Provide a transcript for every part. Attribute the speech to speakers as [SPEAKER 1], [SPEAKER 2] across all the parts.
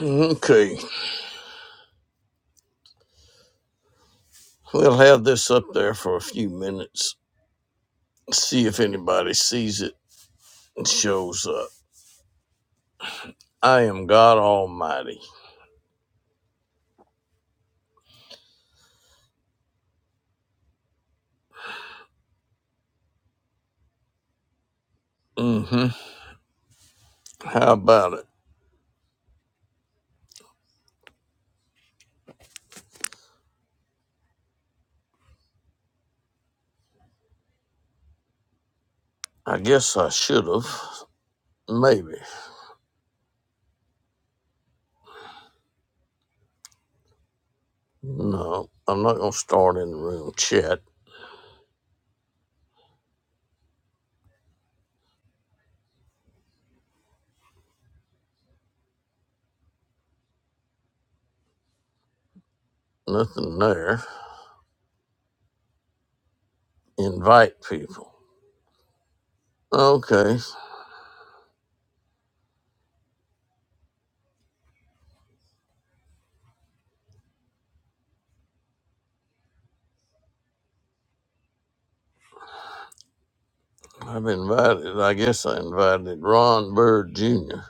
[SPEAKER 1] Okay, we'll have this up there for a few minutes. See if anybody sees it and shows up. I am God Almighty. Mm-hmm. How about it? I guess I should have. Maybe. No, I'm not gonna start in the room chat. Nothing there. Invite people. Okay, I've invited. I guess I invited Ron Bird Jr.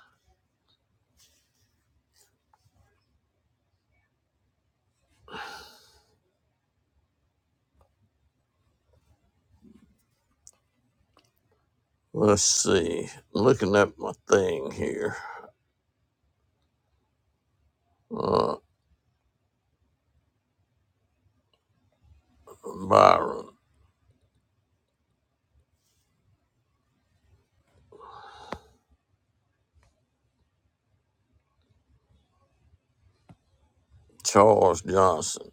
[SPEAKER 1] Let's see. I'm Looking at my thing here. Uh, Byron. Charles Johnson.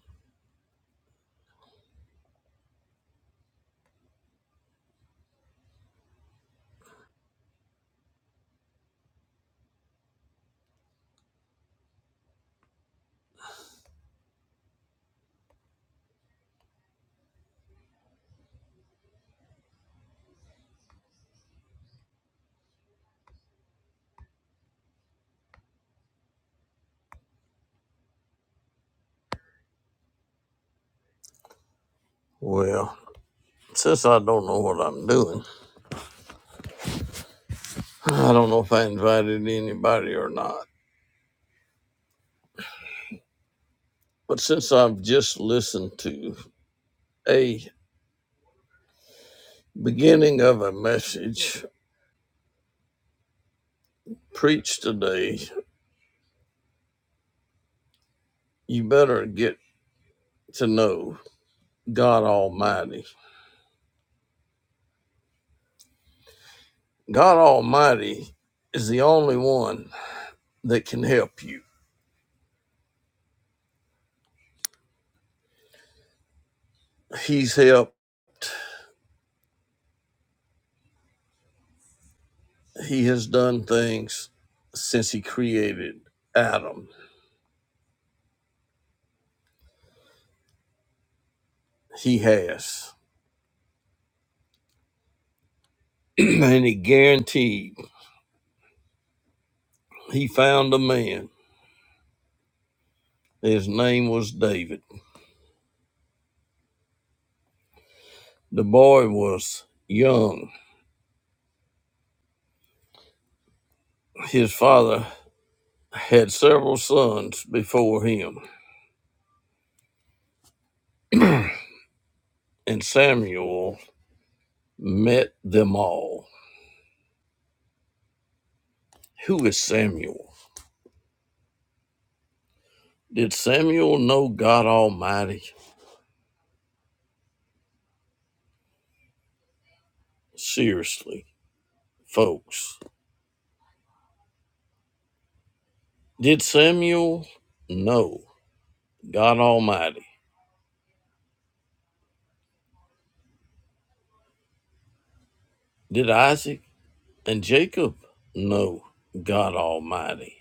[SPEAKER 1] Well, since I don't know what I'm doing, I don't know if I invited anybody or not. But since I've just listened to a beginning of a message preached today, you better get to know God Almighty. God Almighty is the only one that can help you. He's helped, He has done things since He created Adam. He has. and he guaranteed he found a man. His name was David. The boy was young. His father had several sons before him, and Samuel met them all. Who is Samuel? Did Samuel know God Almighty? Seriously, folks. Did Samuel know God Almighty? Did Isaac and Jacob know God Almighty?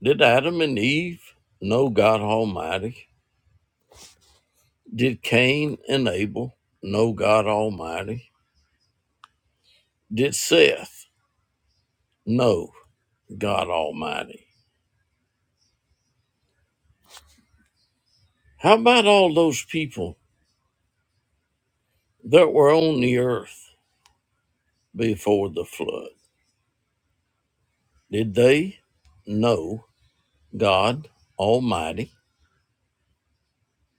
[SPEAKER 1] Did Adam and Eve know God Almighty? Did Cain and Abel know God Almighty? Did Seth know God Almighty? How about all those people that were on the earth before the flood? Did they know God Almighty?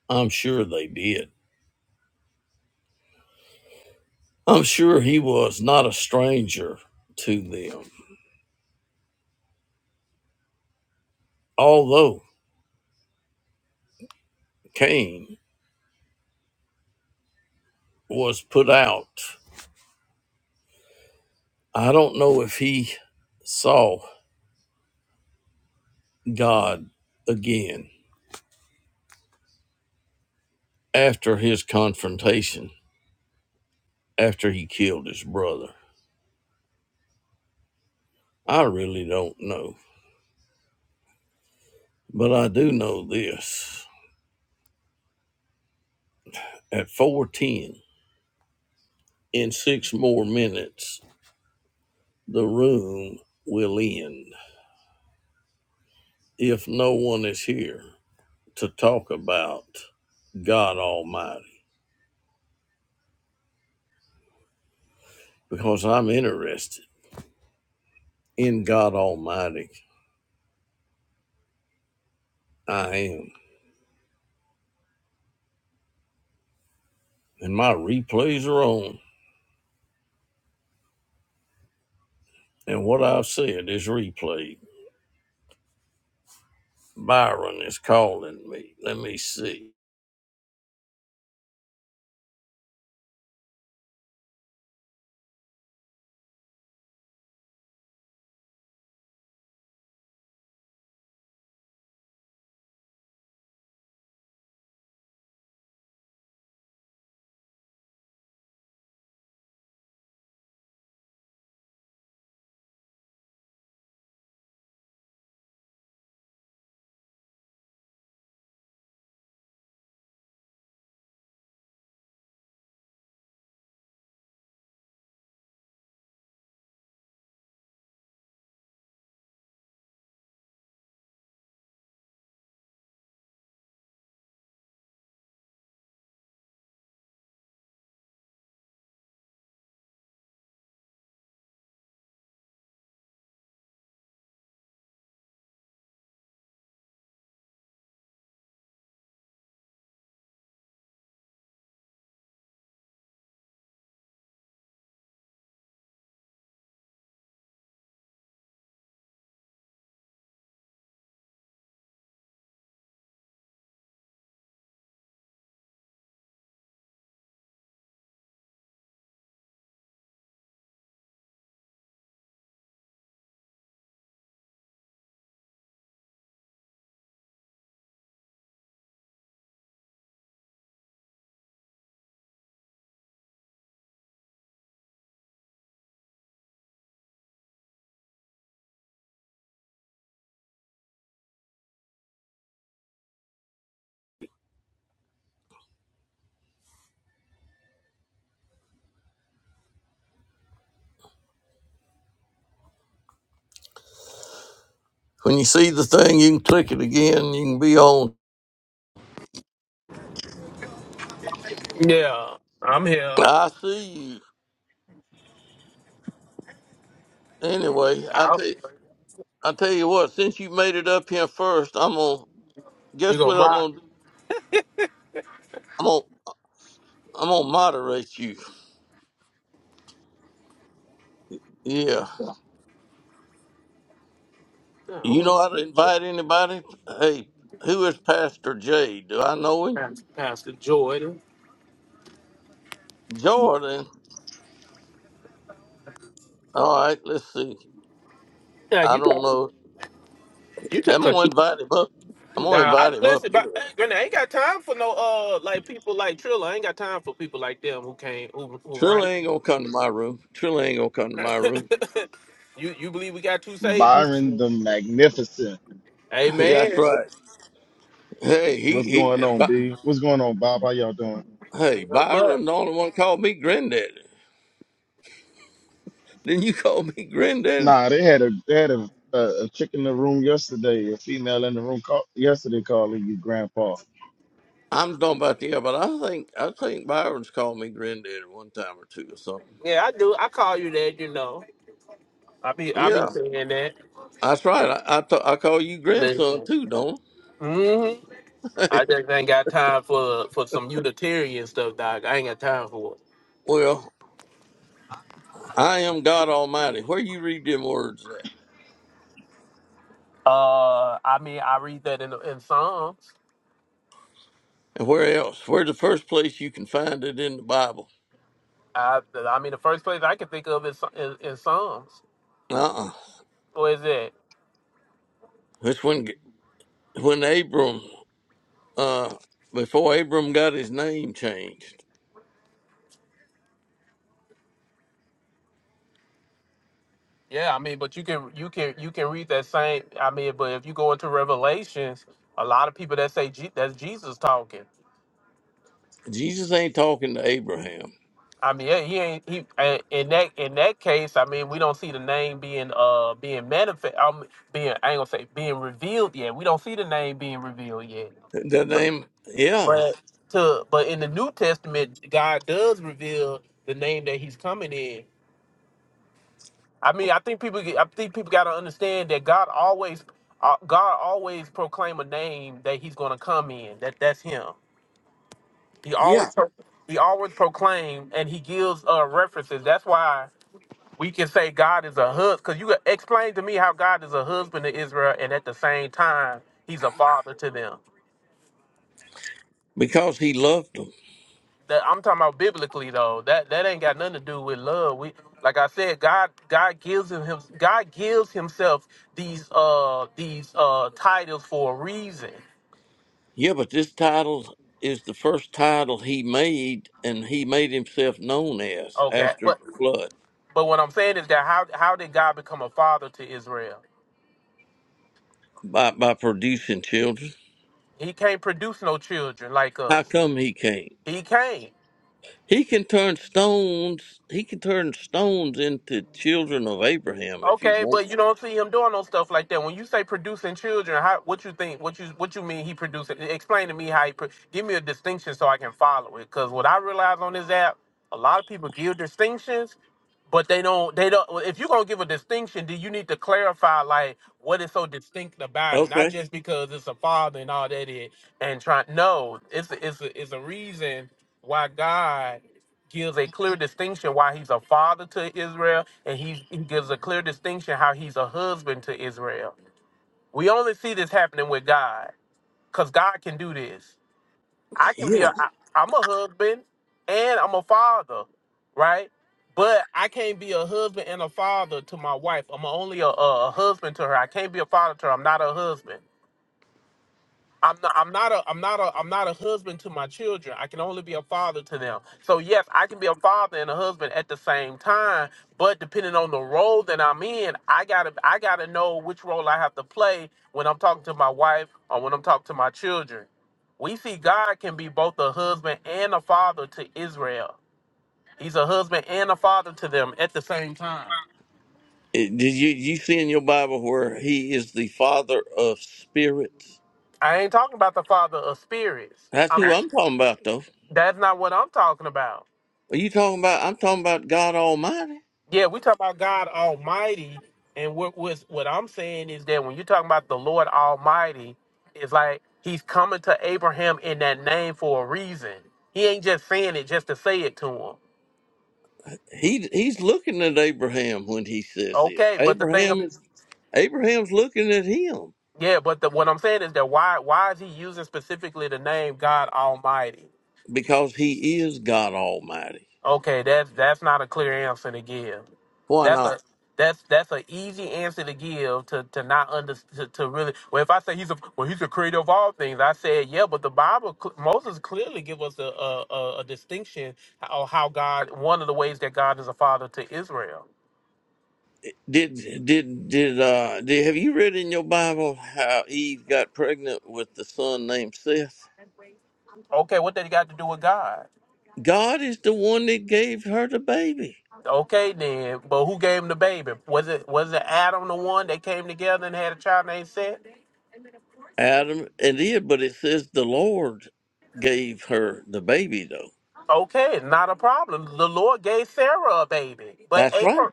[SPEAKER 1] I'm sure they did. I'm sure he was not a stranger to them. Although Cain was put out I don't know if he saw God again after his confrontation, after he killed his brother. I really don't know. But I do know this. At 410, in six more minutes, the room will end if no one is here to talk about God Almighty, because I'm interested in God Almighty. I am. And my replays are on. And what I've said is replayed. Byron is calling me. Let me see. When you see the thing, you can click it again. You can be on.
[SPEAKER 2] Yeah, I'm here.
[SPEAKER 1] I see you. Anyway, I
[SPEAKER 2] Out.
[SPEAKER 1] tell I tell you what. Since you made it up here first, I'm gonna
[SPEAKER 2] You
[SPEAKER 1] guess
[SPEAKER 2] gonna
[SPEAKER 1] what I'm
[SPEAKER 2] mock?
[SPEAKER 1] gonna do. I'm gonna I'm gonna moderate you. Yeah. You
[SPEAKER 2] No,
[SPEAKER 1] know how to invite anybody? Hey, who is Pastor J? Do I know him?
[SPEAKER 2] Pastor Pastor Jordan.
[SPEAKER 1] Jordan. All right. Let's see.
[SPEAKER 2] Yeah,
[SPEAKER 1] I
[SPEAKER 2] you
[SPEAKER 1] don't
[SPEAKER 2] talk.
[SPEAKER 1] know.
[SPEAKER 2] You just
[SPEAKER 1] I'm
[SPEAKER 2] cause
[SPEAKER 1] gonna invite him up. I'm gonna
[SPEAKER 2] nah, I
[SPEAKER 1] invite him up.
[SPEAKER 2] listen, but
[SPEAKER 1] anyway.
[SPEAKER 2] eh, Grenade, I ain't got time for no uh like people like Trilla. I ain't got time for people like them who can't who who run.
[SPEAKER 1] Trilla ain't gonna come to my room. Trilla ain't gonna come to my room.
[SPEAKER 2] it. you you believe we got two saviors?
[SPEAKER 3] Byron the Magnificent.
[SPEAKER 1] Yeah, that's
[SPEAKER 2] Amen.
[SPEAKER 1] right. Hey, he
[SPEAKER 3] What's
[SPEAKER 1] he.
[SPEAKER 3] going on,
[SPEAKER 1] By,
[SPEAKER 3] B? What's going on, Bob? How y'all doing?
[SPEAKER 1] hey,
[SPEAKER 2] Not much.
[SPEAKER 1] Byron, the only one called me granddaddy. Then you call me granddaddy.
[SPEAKER 3] Nah, they had a they had a, a, a chick in the room yesterday, a female in the room call, yesterday calling you grandpa.
[SPEAKER 1] I'm talking about the yeah, but I think I think Byron's called me granddaddy one time or two or something.
[SPEAKER 2] Yeah, I do. I call you that. You know, I be I be
[SPEAKER 1] Yeah,
[SPEAKER 2] saying that.
[SPEAKER 1] that's right. I I, t- I call you grandson
[SPEAKER 2] Listen.
[SPEAKER 1] too, don't
[SPEAKER 2] Mm-hmm.
[SPEAKER 1] I? Hey,
[SPEAKER 2] I just ain't got time for for some Unitarian stuff, dog. I ain't got time for it.
[SPEAKER 1] well, I am God Almighty. Where you read them words at,
[SPEAKER 2] Uh, I mean, I read that in in Psalms.
[SPEAKER 1] and where else? Where's the first place you can find it in the Bible?
[SPEAKER 2] I, I mean, the first place I can think of is is, is Psalms.
[SPEAKER 1] Uh uh
[SPEAKER 2] What is that?
[SPEAKER 1] It's when when Abram uh, before Abram got his name changed.
[SPEAKER 2] Yeah, I mean, but you can you can you can read that same. I mean, but if you go into Revelations, a lot of people that say Je- that's Jesus talking.
[SPEAKER 1] Jesus ain't talking to Abraham.
[SPEAKER 2] I mean, yeah, he ain't he and- in that in that case. I mean, we don't see the name being uh being manifest. Um, being I ain't gonna say being revealed yet. We don't see the name being revealed yet.
[SPEAKER 1] The name, yeah,
[SPEAKER 2] to but in the New Testament, God does reveal the name that He's coming in. I mean, I think people get- I think people got to understand that God always uh, God always proclaim a name that He's going to come in. That that's Him. He
[SPEAKER 1] yeah,
[SPEAKER 2] always pro- He always proclaim and He gives uh, references. That's why we can say God is a husband because you explain to me how God is a husband to Israel and at the same time He's a father to them.
[SPEAKER 1] because he loved him.
[SPEAKER 2] that I'm talking about biblically though. That that ain't got nothing to do with love. We like I said, God God gives him, him God gives himself these uh these uh titles for a reason.
[SPEAKER 1] Yeah, but this title is the first title he made, and he made himself known as
[SPEAKER 2] Okay.
[SPEAKER 1] after
[SPEAKER 2] But
[SPEAKER 1] the flood
[SPEAKER 2] but what I'm saying is that how how did God become a father to Israel?
[SPEAKER 1] by, by producing children.
[SPEAKER 2] He can't produce no children like
[SPEAKER 1] How
[SPEAKER 2] us.
[SPEAKER 1] come he can't?
[SPEAKER 2] He can't.
[SPEAKER 1] He can turn stones. He can turn stones into children of Abraham if he
[SPEAKER 2] Okay, but
[SPEAKER 1] wants.
[SPEAKER 2] you don't see him doing no stuff like that. When you say producing children, how, what you think? What you what you mean? He producing? Explain to me how he pro- give me a distinction so I can follow it. Because what I realize on this app, a lot of people give distinctions, but they don't. They don't. well, If you're gonna give a distinction, do you need to clarify like what is so distinct about it? Not
[SPEAKER 1] Okay.
[SPEAKER 2] just because it's a father and all that. It and try. No, it's a, it's a, it's a reason why God gives a clear distinction why he's a father to Israel, and he's, he gives a clear distinction how he's a husband to Israel. We only see this happening with God, because God can do this. I can
[SPEAKER 1] yeah.
[SPEAKER 2] be a, I, I'm a husband and I'm a father, right? But I can't be a husband and a father to my wife. I'm only a, a, a husband to her. I can't be a father to her. I'm not a husband. I'm not, I'm not a I'm not a I'm not a husband to my children. I can only be a father to them. So yes, I can be a father and a husband at the same time, but depending on the role that I'm in, I got to I got to know which role I have to play when I'm talking to my wife or when I'm talking to my children. We see God can be both a husband and a father to Israel. He's a husband and a father to them at the same time.
[SPEAKER 1] Eh, Did you you see in your Bible where he is the father of spirits?
[SPEAKER 2] I ain't talking about the father of spirits.
[SPEAKER 1] That's
[SPEAKER 2] I'm
[SPEAKER 1] who I'm talking about, though.
[SPEAKER 2] that's not what I'm talking about.
[SPEAKER 1] Are you talking about? I'm talking about God Almighty.
[SPEAKER 2] Yeah, we talk about God Almighty, and what what what I'm saying is that when you're talking about the Lord Almighty, it's like He's coming to Abraham in that name for a reason. He ain't just saying it just to say it to him.
[SPEAKER 1] He he's looking at Abraham when he says this.
[SPEAKER 2] Okay, but the thing,
[SPEAKER 1] Abraham
[SPEAKER 2] of,
[SPEAKER 1] is Abraham's looking at him
[SPEAKER 2] yeah, but the, what I'm saying is that why why is He using specifically the name God Almighty?
[SPEAKER 1] because he is God Almighty.
[SPEAKER 2] Okay, that's that's not a clear answer to give.
[SPEAKER 1] Why
[SPEAKER 2] That's a
[SPEAKER 1] not?
[SPEAKER 2] that's that's an easy answer to give to to not under to, to really. Well, if I say he's a well, he's a creator of all things, I said yeah, but the Bible cl- Moses clearly give us a a, a a distinction of how God one of the ways that God is a father to Israel.
[SPEAKER 1] Did did did uh did, have you read in your Bible how Eve got pregnant with the son named Seth?
[SPEAKER 2] Okay, what that got to do with God?
[SPEAKER 1] God is the one that gave her the baby.
[SPEAKER 2] Okay, then, but who gave him the baby? Was it was it Adam the one that came together and had a child named Seth?
[SPEAKER 1] Adam and Eve, but it says the Lord gave her the baby, though.
[SPEAKER 2] Okay, not a problem. The Lord gave Sarah a baby, but
[SPEAKER 1] That's right.
[SPEAKER 2] Abram,
[SPEAKER 1] right.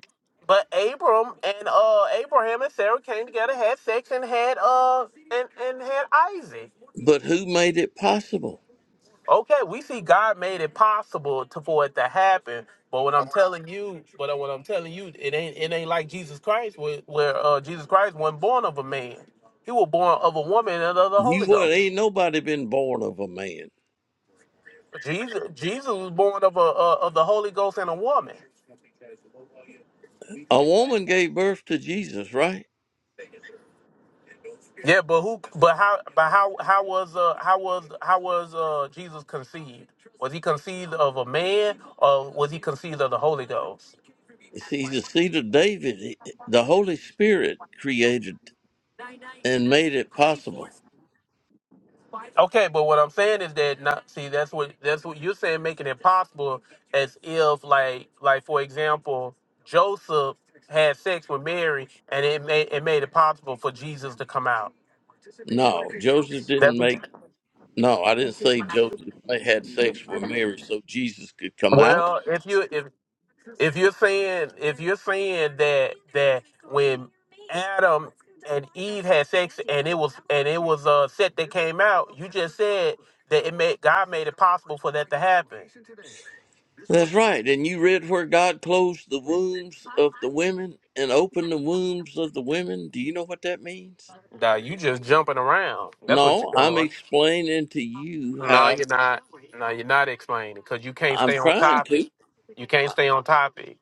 [SPEAKER 2] but Abram and uh Abraham and Sarah came together, had sex, and had uh and and had Isaac.
[SPEAKER 1] But who made it possible?
[SPEAKER 2] Okay, we see God made it possible to, for it to happen. But what I'm telling you, but what I'm telling you, it ain't it ain't like Jesus Christ, where, where uh Jesus Christ wasn't born of a man. He was born of a woman and of the Holy
[SPEAKER 1] You would
[SPEAKER 2] Ghost.
[SPEAKER 1] ain't nobody been born of a man.
[SPEAKER 2] Jesus Jesus was born of a uh, of the Holy Ghost and a woman.
[SPEAKER 1] A woman gave birth to Jesus, right?
[SPEAKER 2] Yeah, but who? But how? But how? How was uh? How was how was uh Jesus conceived? Was he conceived of a man, or was he conceived of the Holy Ghost?
[SPEAKER 1] He's the seed of David. He- The Holy Spirit created and made it possible.
[SPEAKER 2] Okay, but what I'm saying is that not see that's what that's what you're saying, making it possible as if like like for example Joseph had sex with Mary, and it made it made it possible for Jesus to come out.
[SPEAKER 1] No, Joseph didn't make. No, I didn't say Joseph had sex with Mary so Jesus could come out.
[SPEAKER 2] Well, if you if if you're saying if you're saying that that when Adam and Eve had sex and it was and it was a set that came out, you just said that it made God made it possible for that to happen.
[SPEAKER 1] That's right. And you read where God closed the wombs of the women and opened the wombs of the women. Do you know what that means?
[SPEAKER 2] Nah, you just jumping around. That's what you're
[SPEAKER 1] No, I'm
[SPEAKER 2] doing.
[SPEAKER 1] explaining to you
[SPEAKER 2] No,
[SPEAKER 1] how
[SPEAKER 2] you're not. No, you're not explaining because you can't
[SPEAKER 1] I'm
[SPEAKER 2] stay on
[SPEAKER 1] trying
[SPEAKER 2] topic.
[SPEAKER 1] to.
[SPEAKER 2] You can't stay on topic.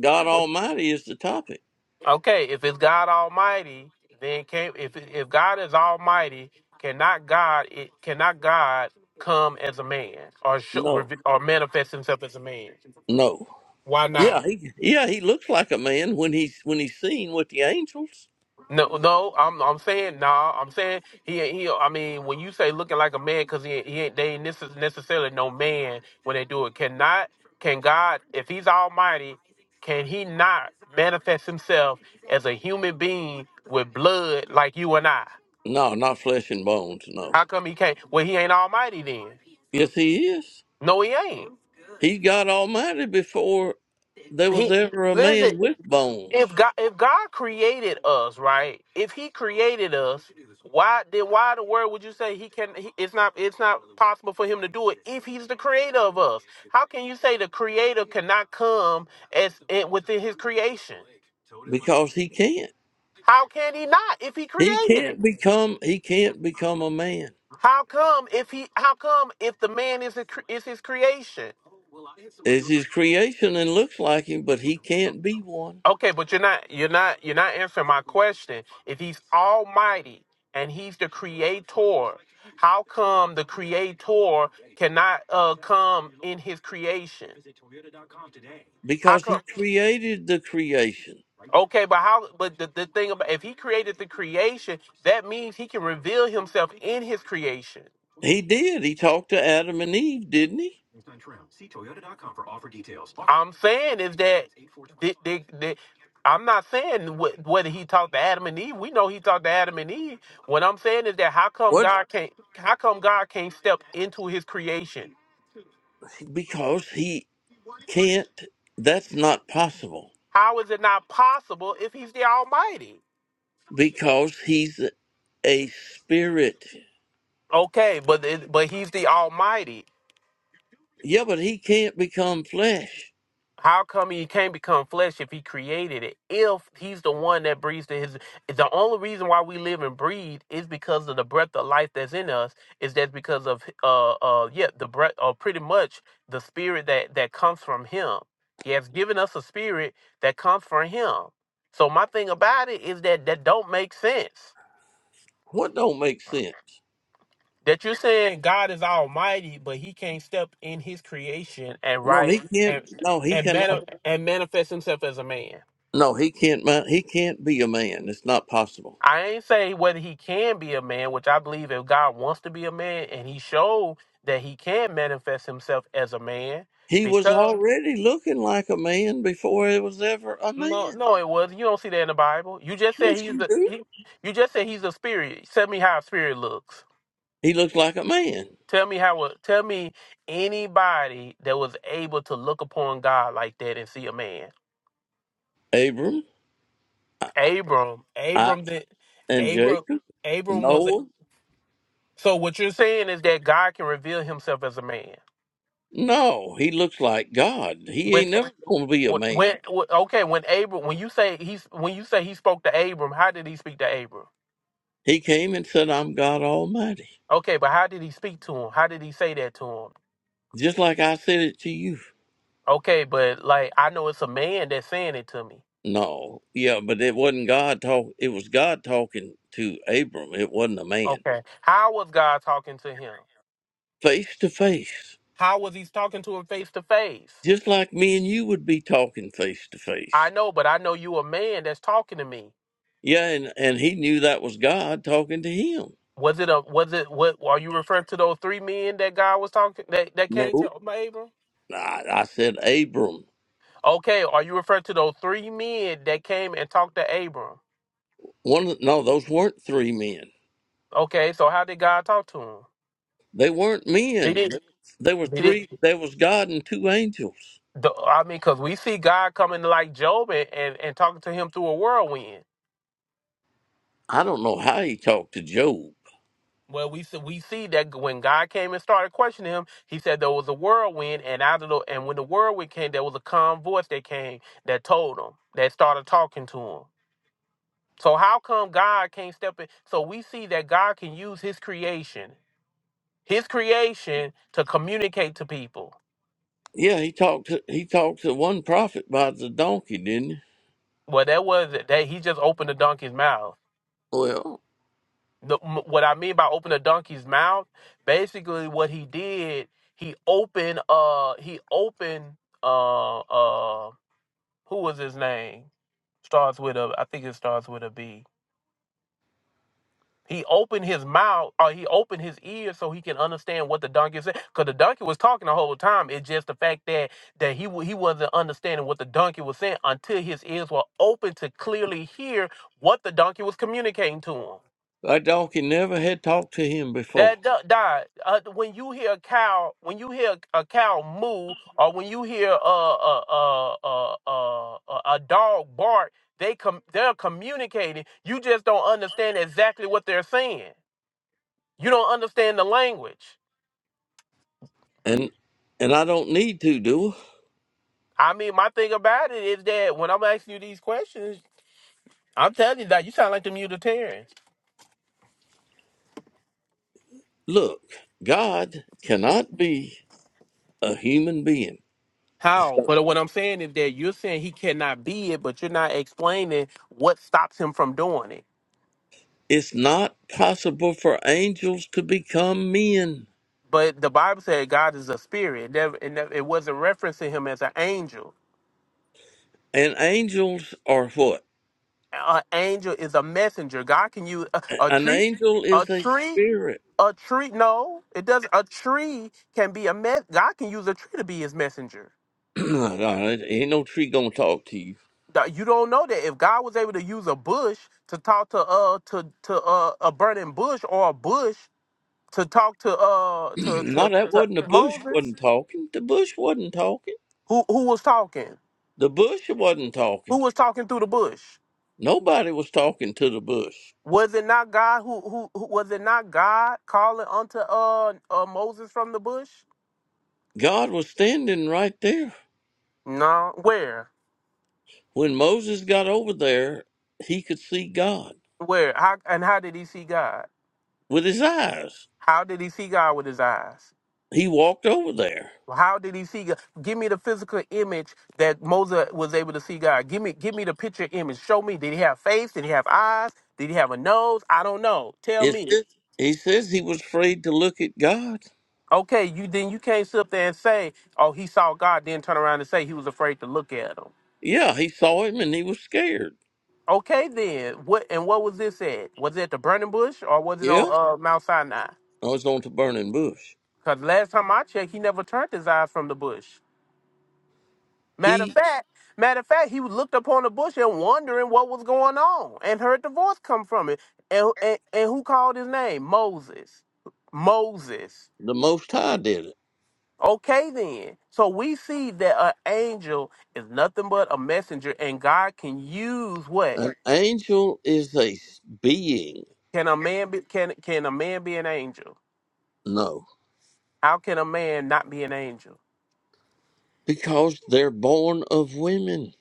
[SPEAKER 1] God Almighty is the topic.
[SPEAKER 2] Okay, if it's God Almighty, then can if if God is Almighty, cannot God it cannot God come as a man or show,
[SPEAKER 1] No,
[SPEAKER 2] reve- or manifest Himself as a man?
[SPEAKER 1] no.
[SPEAKER 2] Why not?
[SPEAKER 1] Yeah, he, yeah, he looks like a man when he's when he's seen with the angels.
[SPEAKER 2] No, no, I'm I'm saying no, I'm saying he he. I mean, when you say looking like a man, because he he ain't, they ain't necess- necessarily no man when they do it. Cannot can God if He's Almighty, can He not manifest Himself as a human being with blood like you and I?
[SPEAKER 1] No, not flesh and bones. No.
[SPEAKER 2] How come he can't? Well, he ain't almighty then.
[SPEAKER 1] Yes, he is.
[SPEAKER 2] No, he ain't.
[SPEAKER 1] He's God Almighty before there was
[SPEAKER 2] He
[SPEAKER 1] ever a
[SPEAKER 2] listen.
[SPEAKER 1] man with bones
[SPEAKER 2] If God, if God created us, right? If He created us, why then? Why in the world would you say He can? He, it's not. It's not possible for Him to do it if He's the Creator of us. How can you say the Creator cannot come as eh, within His creation?
[SPEAKER 1] because he can.
[SPEAKER 2] How can He not if He
[SPEAKER 1] He
[SPEAKER 2] created
[SPEAKER 1] can't
[SPEAKER 2] it?
[SPEAKER 1] become he can't become a man.
[SPEAKER 2] How come if He? How come if the man is a, cre- is His creation?
[SPEAKER 1] It's his creation and looks like him, but he can't be one
[SPEAKER 2] Okay, but you're not you're not you're not answering my question. If he's almighty and he's the creator, how come the creator cannot uh come in his creation? How
[SPEAKER 1] because he
[SPEAKER 2] come?
[SPEAKER 1] created the creation.
[SPEAKER 2] Okay, but how but the, the thing about if he created the creation, that means he can reveal himself in his creation.
[SPEAKER 1] He did. He talked to Adam and Eve, didn't he?
[SPEAKER 2] I'm saying is that the, the, the, I'm not saying wh- whether he talked to Adam and Eve. We know he talked to Adam and Eve. What I'm saying is that how come
[SPEAKER 1] What
[SPEAKER 2] God can't? How come God can't step into His creation?
[SPEAKER 1] because he can't that's not possible.
[SPEAKER 2] How is it not possible if He's the Almighty?
[SPEAKER 1] Because he's a spirit.
[SPEAKER 2] Okay, but it, but He's the Almighty.
[SPEAKER 1] Yeah, but he can't become flesh.
[SPEAKER 2] How come he can't become flesh if he created it? If he's the one that breathes to his the only reason why we live and breathe is because of the breath of life that's in us, is that because of uh uh yeah, the breath or pretty much the spirit that that comes from him. He has given us a spirit that comes from him. So my thing about it is that that don't make sense.
[SPEAKER 1] What don't make sense?
[SPEAKER 2] That you're saying God is almighty, but he can't step in his creation and
[SPEAKER 1] No,
[SPEAKER 2] right
[SPEAKER 1] he can't
[SPEAKER 2] and
[SPEAKER 1] no, he
[SPEAKER 2] and mani-
[SPEAKER 1] cannot
[SPEAKER 2] and manifest himself as a man.
[SPEAKER 1] no, he can't ma- he can't be a man. It's not possible.
[SPEAKER 2] I ain't say whether he can be a man, which I believe if God wants to be a man and he showed that he can manifest himself as a man
[SPEAKER 1] He was
[SPEAKER 2] because
[SPEAKER 1] already looking like a man before he was ever a
[SPEAKER 2] no
[SPEAKER 1] man.
[SPEAKER 2] no it was you don't see that in the Bible. You just said
[SPEAKER 1] Yes,
[SPEAKER 2] he's
[SPEAKER 1] you
[SPEAKER 2] a
[SPEAKER 1] do.
[SPEAKER 2] he, you just said he's a spirit. Tell me how a spirit looks.
[SPEAKER 1] He looked like a man.
[SPEAKER 2] Tell me how a- tell me anybody that was able to look upon God like that and see a man.
[SPEAKER 1] Abram, I-
[SPEAKER 2] Abram. Abram
[SPEAKER 1] Isaac,
[SPEAKER 2] did
[SPEAKER 1] and
[SPEAKER 2] Abram
[SPEAKER 1] Jacob,
[SPEAKER 2] Abram was a
[SPEAKER 1] Noah.
[SPEAKER 2] so what you're saying is that God can reveal himself as a man.
[SPEAKER 1] No, he looks like God. He
[SPEAKER 2] when.
[SPEAKER 1] ain't never going to be a
[SPEAKER 2] Wh-
[SPEAKER 1] man.
[SPEAKER 2] When, wh- okay, when Abram, when you say he's, when you say he spoke to Abram, how did he speak to Abram?
[SPEAKER 1] He came and said, I'm God Almighty.
[SPEAKER 2] Okay, but how did he speak to him? How did he say that to him?
[SPEAKER 1] Just like I said it to you.
[SPEAKER 2] Okay, but like I know it's a man that's saying it to me.
[SPEAKER 1] No, yeah, but it wasn't God talk. It was God talking to Abram. It wasn't a man.
[SPEAKER 2] Okay, how was God talking to him?
[SPEAKER 1] Face to face.
[SPEAKER 2] How was he talking to him face to face?
[SPEAKER 1] Just like me and you would be talking face to face.
[SPEAKER 2] I know, but I know you a man that's talking to me.
[SPEAKER 1] Yeah, and, and he knew that was God talking to him.
[SPEAKER 2] Was it a was it what are you referring to those three men that God was talking that, that
[SPEAKER 1] No,
[SPEAKER 2] came to Abram?
[SPEAKER 1] I, I said Abram.
[SPEAKER 2] Okay, are you referring to those three men that came and talked to Abram?
[SPEAKER 1] One, of the- no, those weren't three men.
[SPEAKER 2] Okay, so how did God talk to him?
[SPEAKER 1] They weren't men. They were
[SPEAKER 2] Did it?
[SPEAKER 1] not men There were
[SPEAKER 2] Did it?
[SPEAKER 1] 3 There was God and two angels.
[SPEAKER 2] The, I mean, because we see God coming like Job and, and, and talking to him through a whirlwind.
[SPEAKER 1] I don't know how he talked to Job.
[SPEAKER 2] Well, we see, we see that when God came and started questioning him, He said there was a whirlwind, and out of the and when the whirlwind came, there was a calm voice that came that told him that started talking to him. So how come God can't step in? So we see that God can use His creation, His creation, to communicate to people.
[SPEAKER 1] Yeah, he talked. To, he talked to one prophet by the donkey, didn't he?
[SPEAKER 2] Well, that was That He just opened the donkey's mouth.
[SPEAKER 1] Well,
[SPEAKER 2] the, what I mean by open the donkey's mouth, basically what he did, he opened uh he opened uh uh who was his name? Starts with a I think it starts with a B. He opened his mouth or he opened his ears so he can understand what the donkey said. Cause the donkey was talking the whole time. It's just the fact that that he wa- he wasn't understanding what the donkey was saying until his ears were open to clearly hear what the donkey was communicating to him.
[SPEAKER 1] that donkey never had talked to him before,
[SPEAKER 2] That do- die. Uh, when you hear a cow, when you hear a cow moo, or when you hear a a a a a, a, a dog bark, they com- they're communicating. You just don't understand exactly what they're saying. You don't understand the language.
[SPEAKER 1] and and I don't need to do. I?
[SPEAKER 2] I mean, my thing about it is that when I'm asking you these questions, I'm telling you that you sound like the Unitarians.
[SPEAKER 1] Look, God cannot be a human being.
[SPEAKER 2] How? But what I'm saying is that you're saying he cannot be it, but you're not explaining what stops him from doing it.
[SPEAKER 1] It's not possible for angels to become men.
[SPEAKER 2] But the Bible said God is a spirit. It, never, it, never, it wasn't referencing him as an angel.
[SPEAKER 1] And angels are what?
[SPEAKER 2] An angel is a messenger. God can use a, a
[SPEAKER 1] An
[SPEAKER 2] tree,
[SPEAKER 1] angel
[SPEAKER 2] a
[SPEAKER 1] is a
[SPEAKER 2] tree,
[SPEAKER 1] spirit.
[SPEAKER 2] a tree. No, it does. A tree can be a mess. God can use a tree to be His messenger.
[SPEAKER 1] No, ain't no tree gonna talk to you.
[SPEAKER 2] Now, You don't know that if God was able to use a bush to talk to uh to to uh, a burning bush or a bush to talk to uh to
[SPEAKER 1] no,
[SPEAKER 2] to
[SPEAKER 1] that
[SPEAKER 2] to
[SPEAKER 1] wasn't the bush
[SPEAKER 2] Moses,
[SPEAKER 1] wasn't talking. The bush wasn't talking.
[SPEAKER 2] who who was talking?
[SPEAKER 1] The bush wasn't
[SPEAKER 2] Who
[SPEAKER 1] talking.
[SPEAKER 2] was talking through the bush?
[SPEAKER 1] Nobody was talking to the bush.
[SPEAKER 2] Was it not God who, who who was it not God calling unto uh, uh Moses from the bush?
[SPEAKER 1] God was standing right there.
[SPEAKER 2] No. Where?
[SPEAKER 1] When Moses got over there, he could see God
[SPEAKER 2] Where? How and how did he see God?
[SPEAKER 1] with his eyes.
[SPEAKER 2] How did he see God with his eyes?
[SPEAKER 1] He walked over there.
[SPEAKER 2] How did he see God? Give me the physical image that Moses was able to see God. Give me give me the picture image. Show me. Did he have face? Did he have eyes? Did he have a nose? I don't know. Tell
[SPEAKER 1] It
[SPEAKER 2] me.
[SPEAKER 1] says, he says he was afraid to look at God.
[SPEAKER 2] Okay, you then you can't sit up there and say, "Oh, he saw God," then turn around and say he was afraid to look at him.
[SPEAKER 1] Yeah, he saw him and he was scared.
[SPEAKER 2] Okay, then what? And what was this at? Was it at the burning bush or was it on
[SPEAKER 1] Yeah,
[SPEAKER 2] uh, Mount Sinai?
[SPEAKER 1] I was on the burning bush.
[SPEAKER 2] Because last time I checked, he never turned his eyes from the bush. Matter of
[SPEAKER 1] He,
[SPEAKER 2] fact, matter of fact, he looked upon the bush and wondering what was going on, and heard the voice come from it. And and, and who called his name? Moses. Moses.
[SPEAKER 1] the Most High, did it.
[SPEAKER 2] Okay, then. So we see that an angel is nothing but a messenger, and God can use what?
[SPEAKER 1] An Right. angel is a s- being,
[SPEAKER 2] Can a man be? Can can a man be an angel?
[SPEAKER 1] no,
[SPEAKER 2] How can a man not be an angel?
[SPEAKER 1] because they're born of women.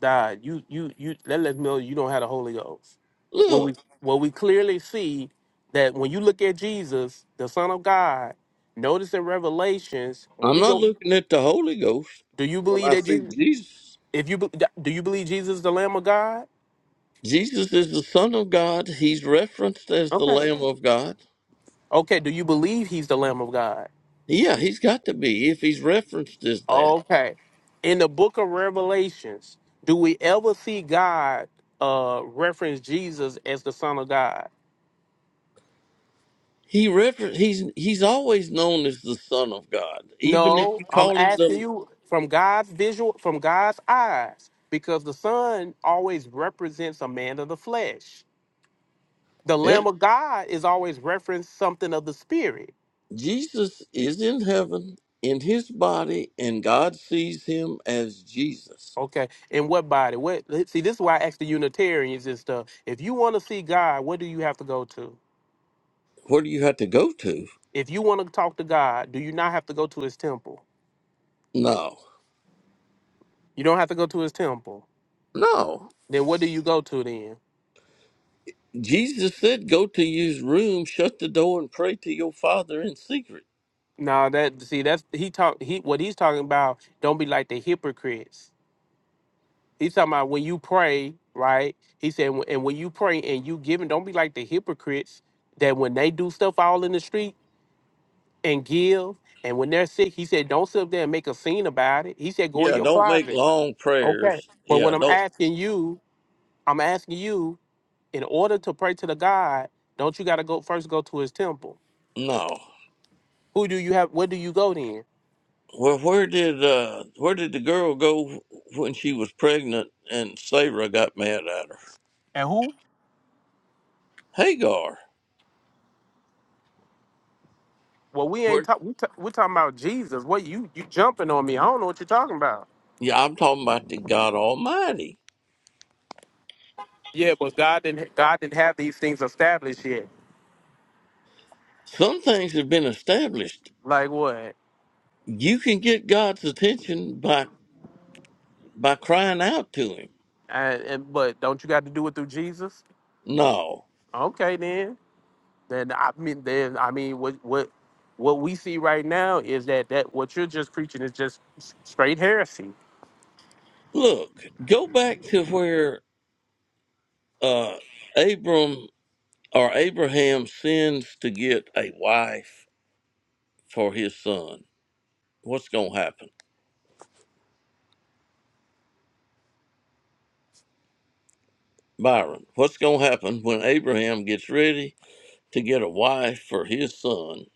[SPEAKER 2] God, you you you that lets me know you don't have the Holy Ghost. What we
[SPEAKER 1] Look,
[SPEAKER 2] what we clearly see that when you look at Jesus, the Son of God, notice in Revelations when
[SPEAKER 1] I'm
[SPEAKER 2] we
[SPEAKER 1] not
[SPEAKER 2] go,
[SPEAKER 1] looking at the Holy Ghost
[SPEAKER 2] do you
[SPEAKER 1] when
[SPEAKER 2] believe
[SPEAKER 1] I
[SPEAKER 2] that
[SPEAKER 1] see
[SPEAKER 2] Jesus?
[SPEAKER 1] Jesus.
[SPEAKER 2] If you be- do you believe Jesus is the Lamb of God?
[SPEAKER 1] Jesus is the Son of God. He's referenced as the
[SPEAKER 2] Okay.
[SPEAKER 1] Lamb of God.
[SPEAKER 2] Okay. Do you believe He's the Lamb of God?
[SPEAKER 1] Yeah, he's got to be if he's referenced as that.
[SPEAKER 2] Okay. In the book of Revelations, do we ever see God uh reference Jesus as the Son of God?
[SPEAKER 1] He refer- he's he's always known as the Son of God, even if you
[SPEAKER 2] No, I'm
[SPEAKER 1] call him
[SPEAKER 2] asking
[SPEAKER 1] the.
[SPEAKER 2] you from God's visual, from God's eyes, because the Son always represents a man of the flesh. The Lamb
[SPEAKER 1] ev-
[SPEAKER 2] of God is always reference something of the Spirit.
[SPEAKER 1] Jesus is in heaven in his body, and God sees him as Jesus.
[SPEAKER 2] Okay, and what body? What? See, this is why I ask the Unitarians and stuff. If you want to see God, what do you have to go to?
[SPEAKER 1] Where do you have to go to?
[SPEAKER 2] If you want to talk to God, do you not have to go to His temple?
[SPEAKER 1] No,
[SPEAKER 2] You don't have to go to His temple.
[SPEAKER 1] no.
[SPEAKER 2] Then what do you go to then?
[SPEAKER 1] Jesus said, "Go to your room, shut the door, and pray to your Father in secret."
[SPEAKER 2] No, that see, that's he talk. He what he's talking about. Don't be like the hypocrites He's talking about when you pray, right? He said, "Wh- and when you pray and you giving, don't be like the hypocrites that when they do stuff all in the street and give, and when they're sick, he said, don't sit up there and make a scene about it. He said, go in
[SPEAKER 1] Yeah,
[SPEAKER 2] your
[SPEAKER 1] don't make
[SPEAKER 2] closet.
[SPEAKER 1] long
[SPEAKER 2] Okay.
[SPEAKER 1] prayers.
[SPEAKER 2] But
[SPEAKER 1] Yeah,
[SPEAKER 2] when I'm
[SPEAKER 1] don't.
[SPEAKER 2] asking you, I'm asking you, in order to pray to the God, don't you got to go first go to his temple?
[SPEAKER 1] No.
[SPEAKER 2] Who do you have? Where do you go then?
[SPEAKER 1] Well, where did uh, where did the girl go when she was pregnant and Sarah got mad at her? Hagar.
[SPEAKER 2] Well, we ain't
[SPEAKER 1] Where,
[SPEAKER 2] talking. We ta- we're talking about Jesus. What you you jumping on me? I don't know what you're talking about.
[SPEAKER 1] yeah, I'm talking about the God Almighty.
[SPEAKER 2] Yeah, but God didn't God didn't have these things established yet.
[SPEAKER 1] Some things have been established.
[SPEAKER 2] Like what?
[SPEAKER 1] You can get God's attention by by crying out to Him.
[SPEAKER 2] And, and but don't you got to do it through Jesus?
[SPEAKER 1] No,
[SPEAKER 2] Okay, then. Then I mean, then I mean, what what what we see right now is that that what you're just preaching is just s- straight heresy.
[SPEAKER 1] look, go back to where uh, Abram or Abraham sins to get a wife for his son. What's going to happen, Byron? What's going to happen when Abraham gets ready to get a wife for his son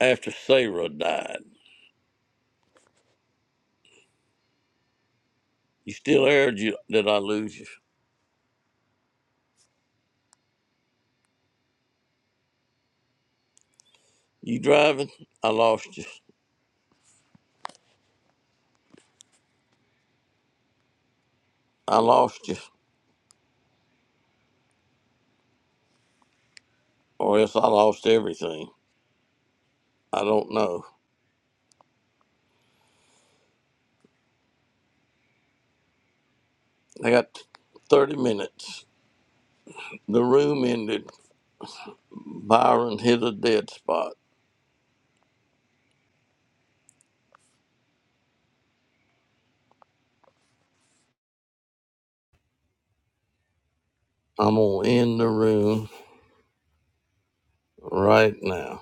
[SPEAKER 1] after Sarah died? You still aired you. Did I lose you? You driving? I lost you. I lost you. Or else I lost everything. I don't know. I got 30 minutes. The room ended. Byron hit a dead spot. I'm going to end the room right now.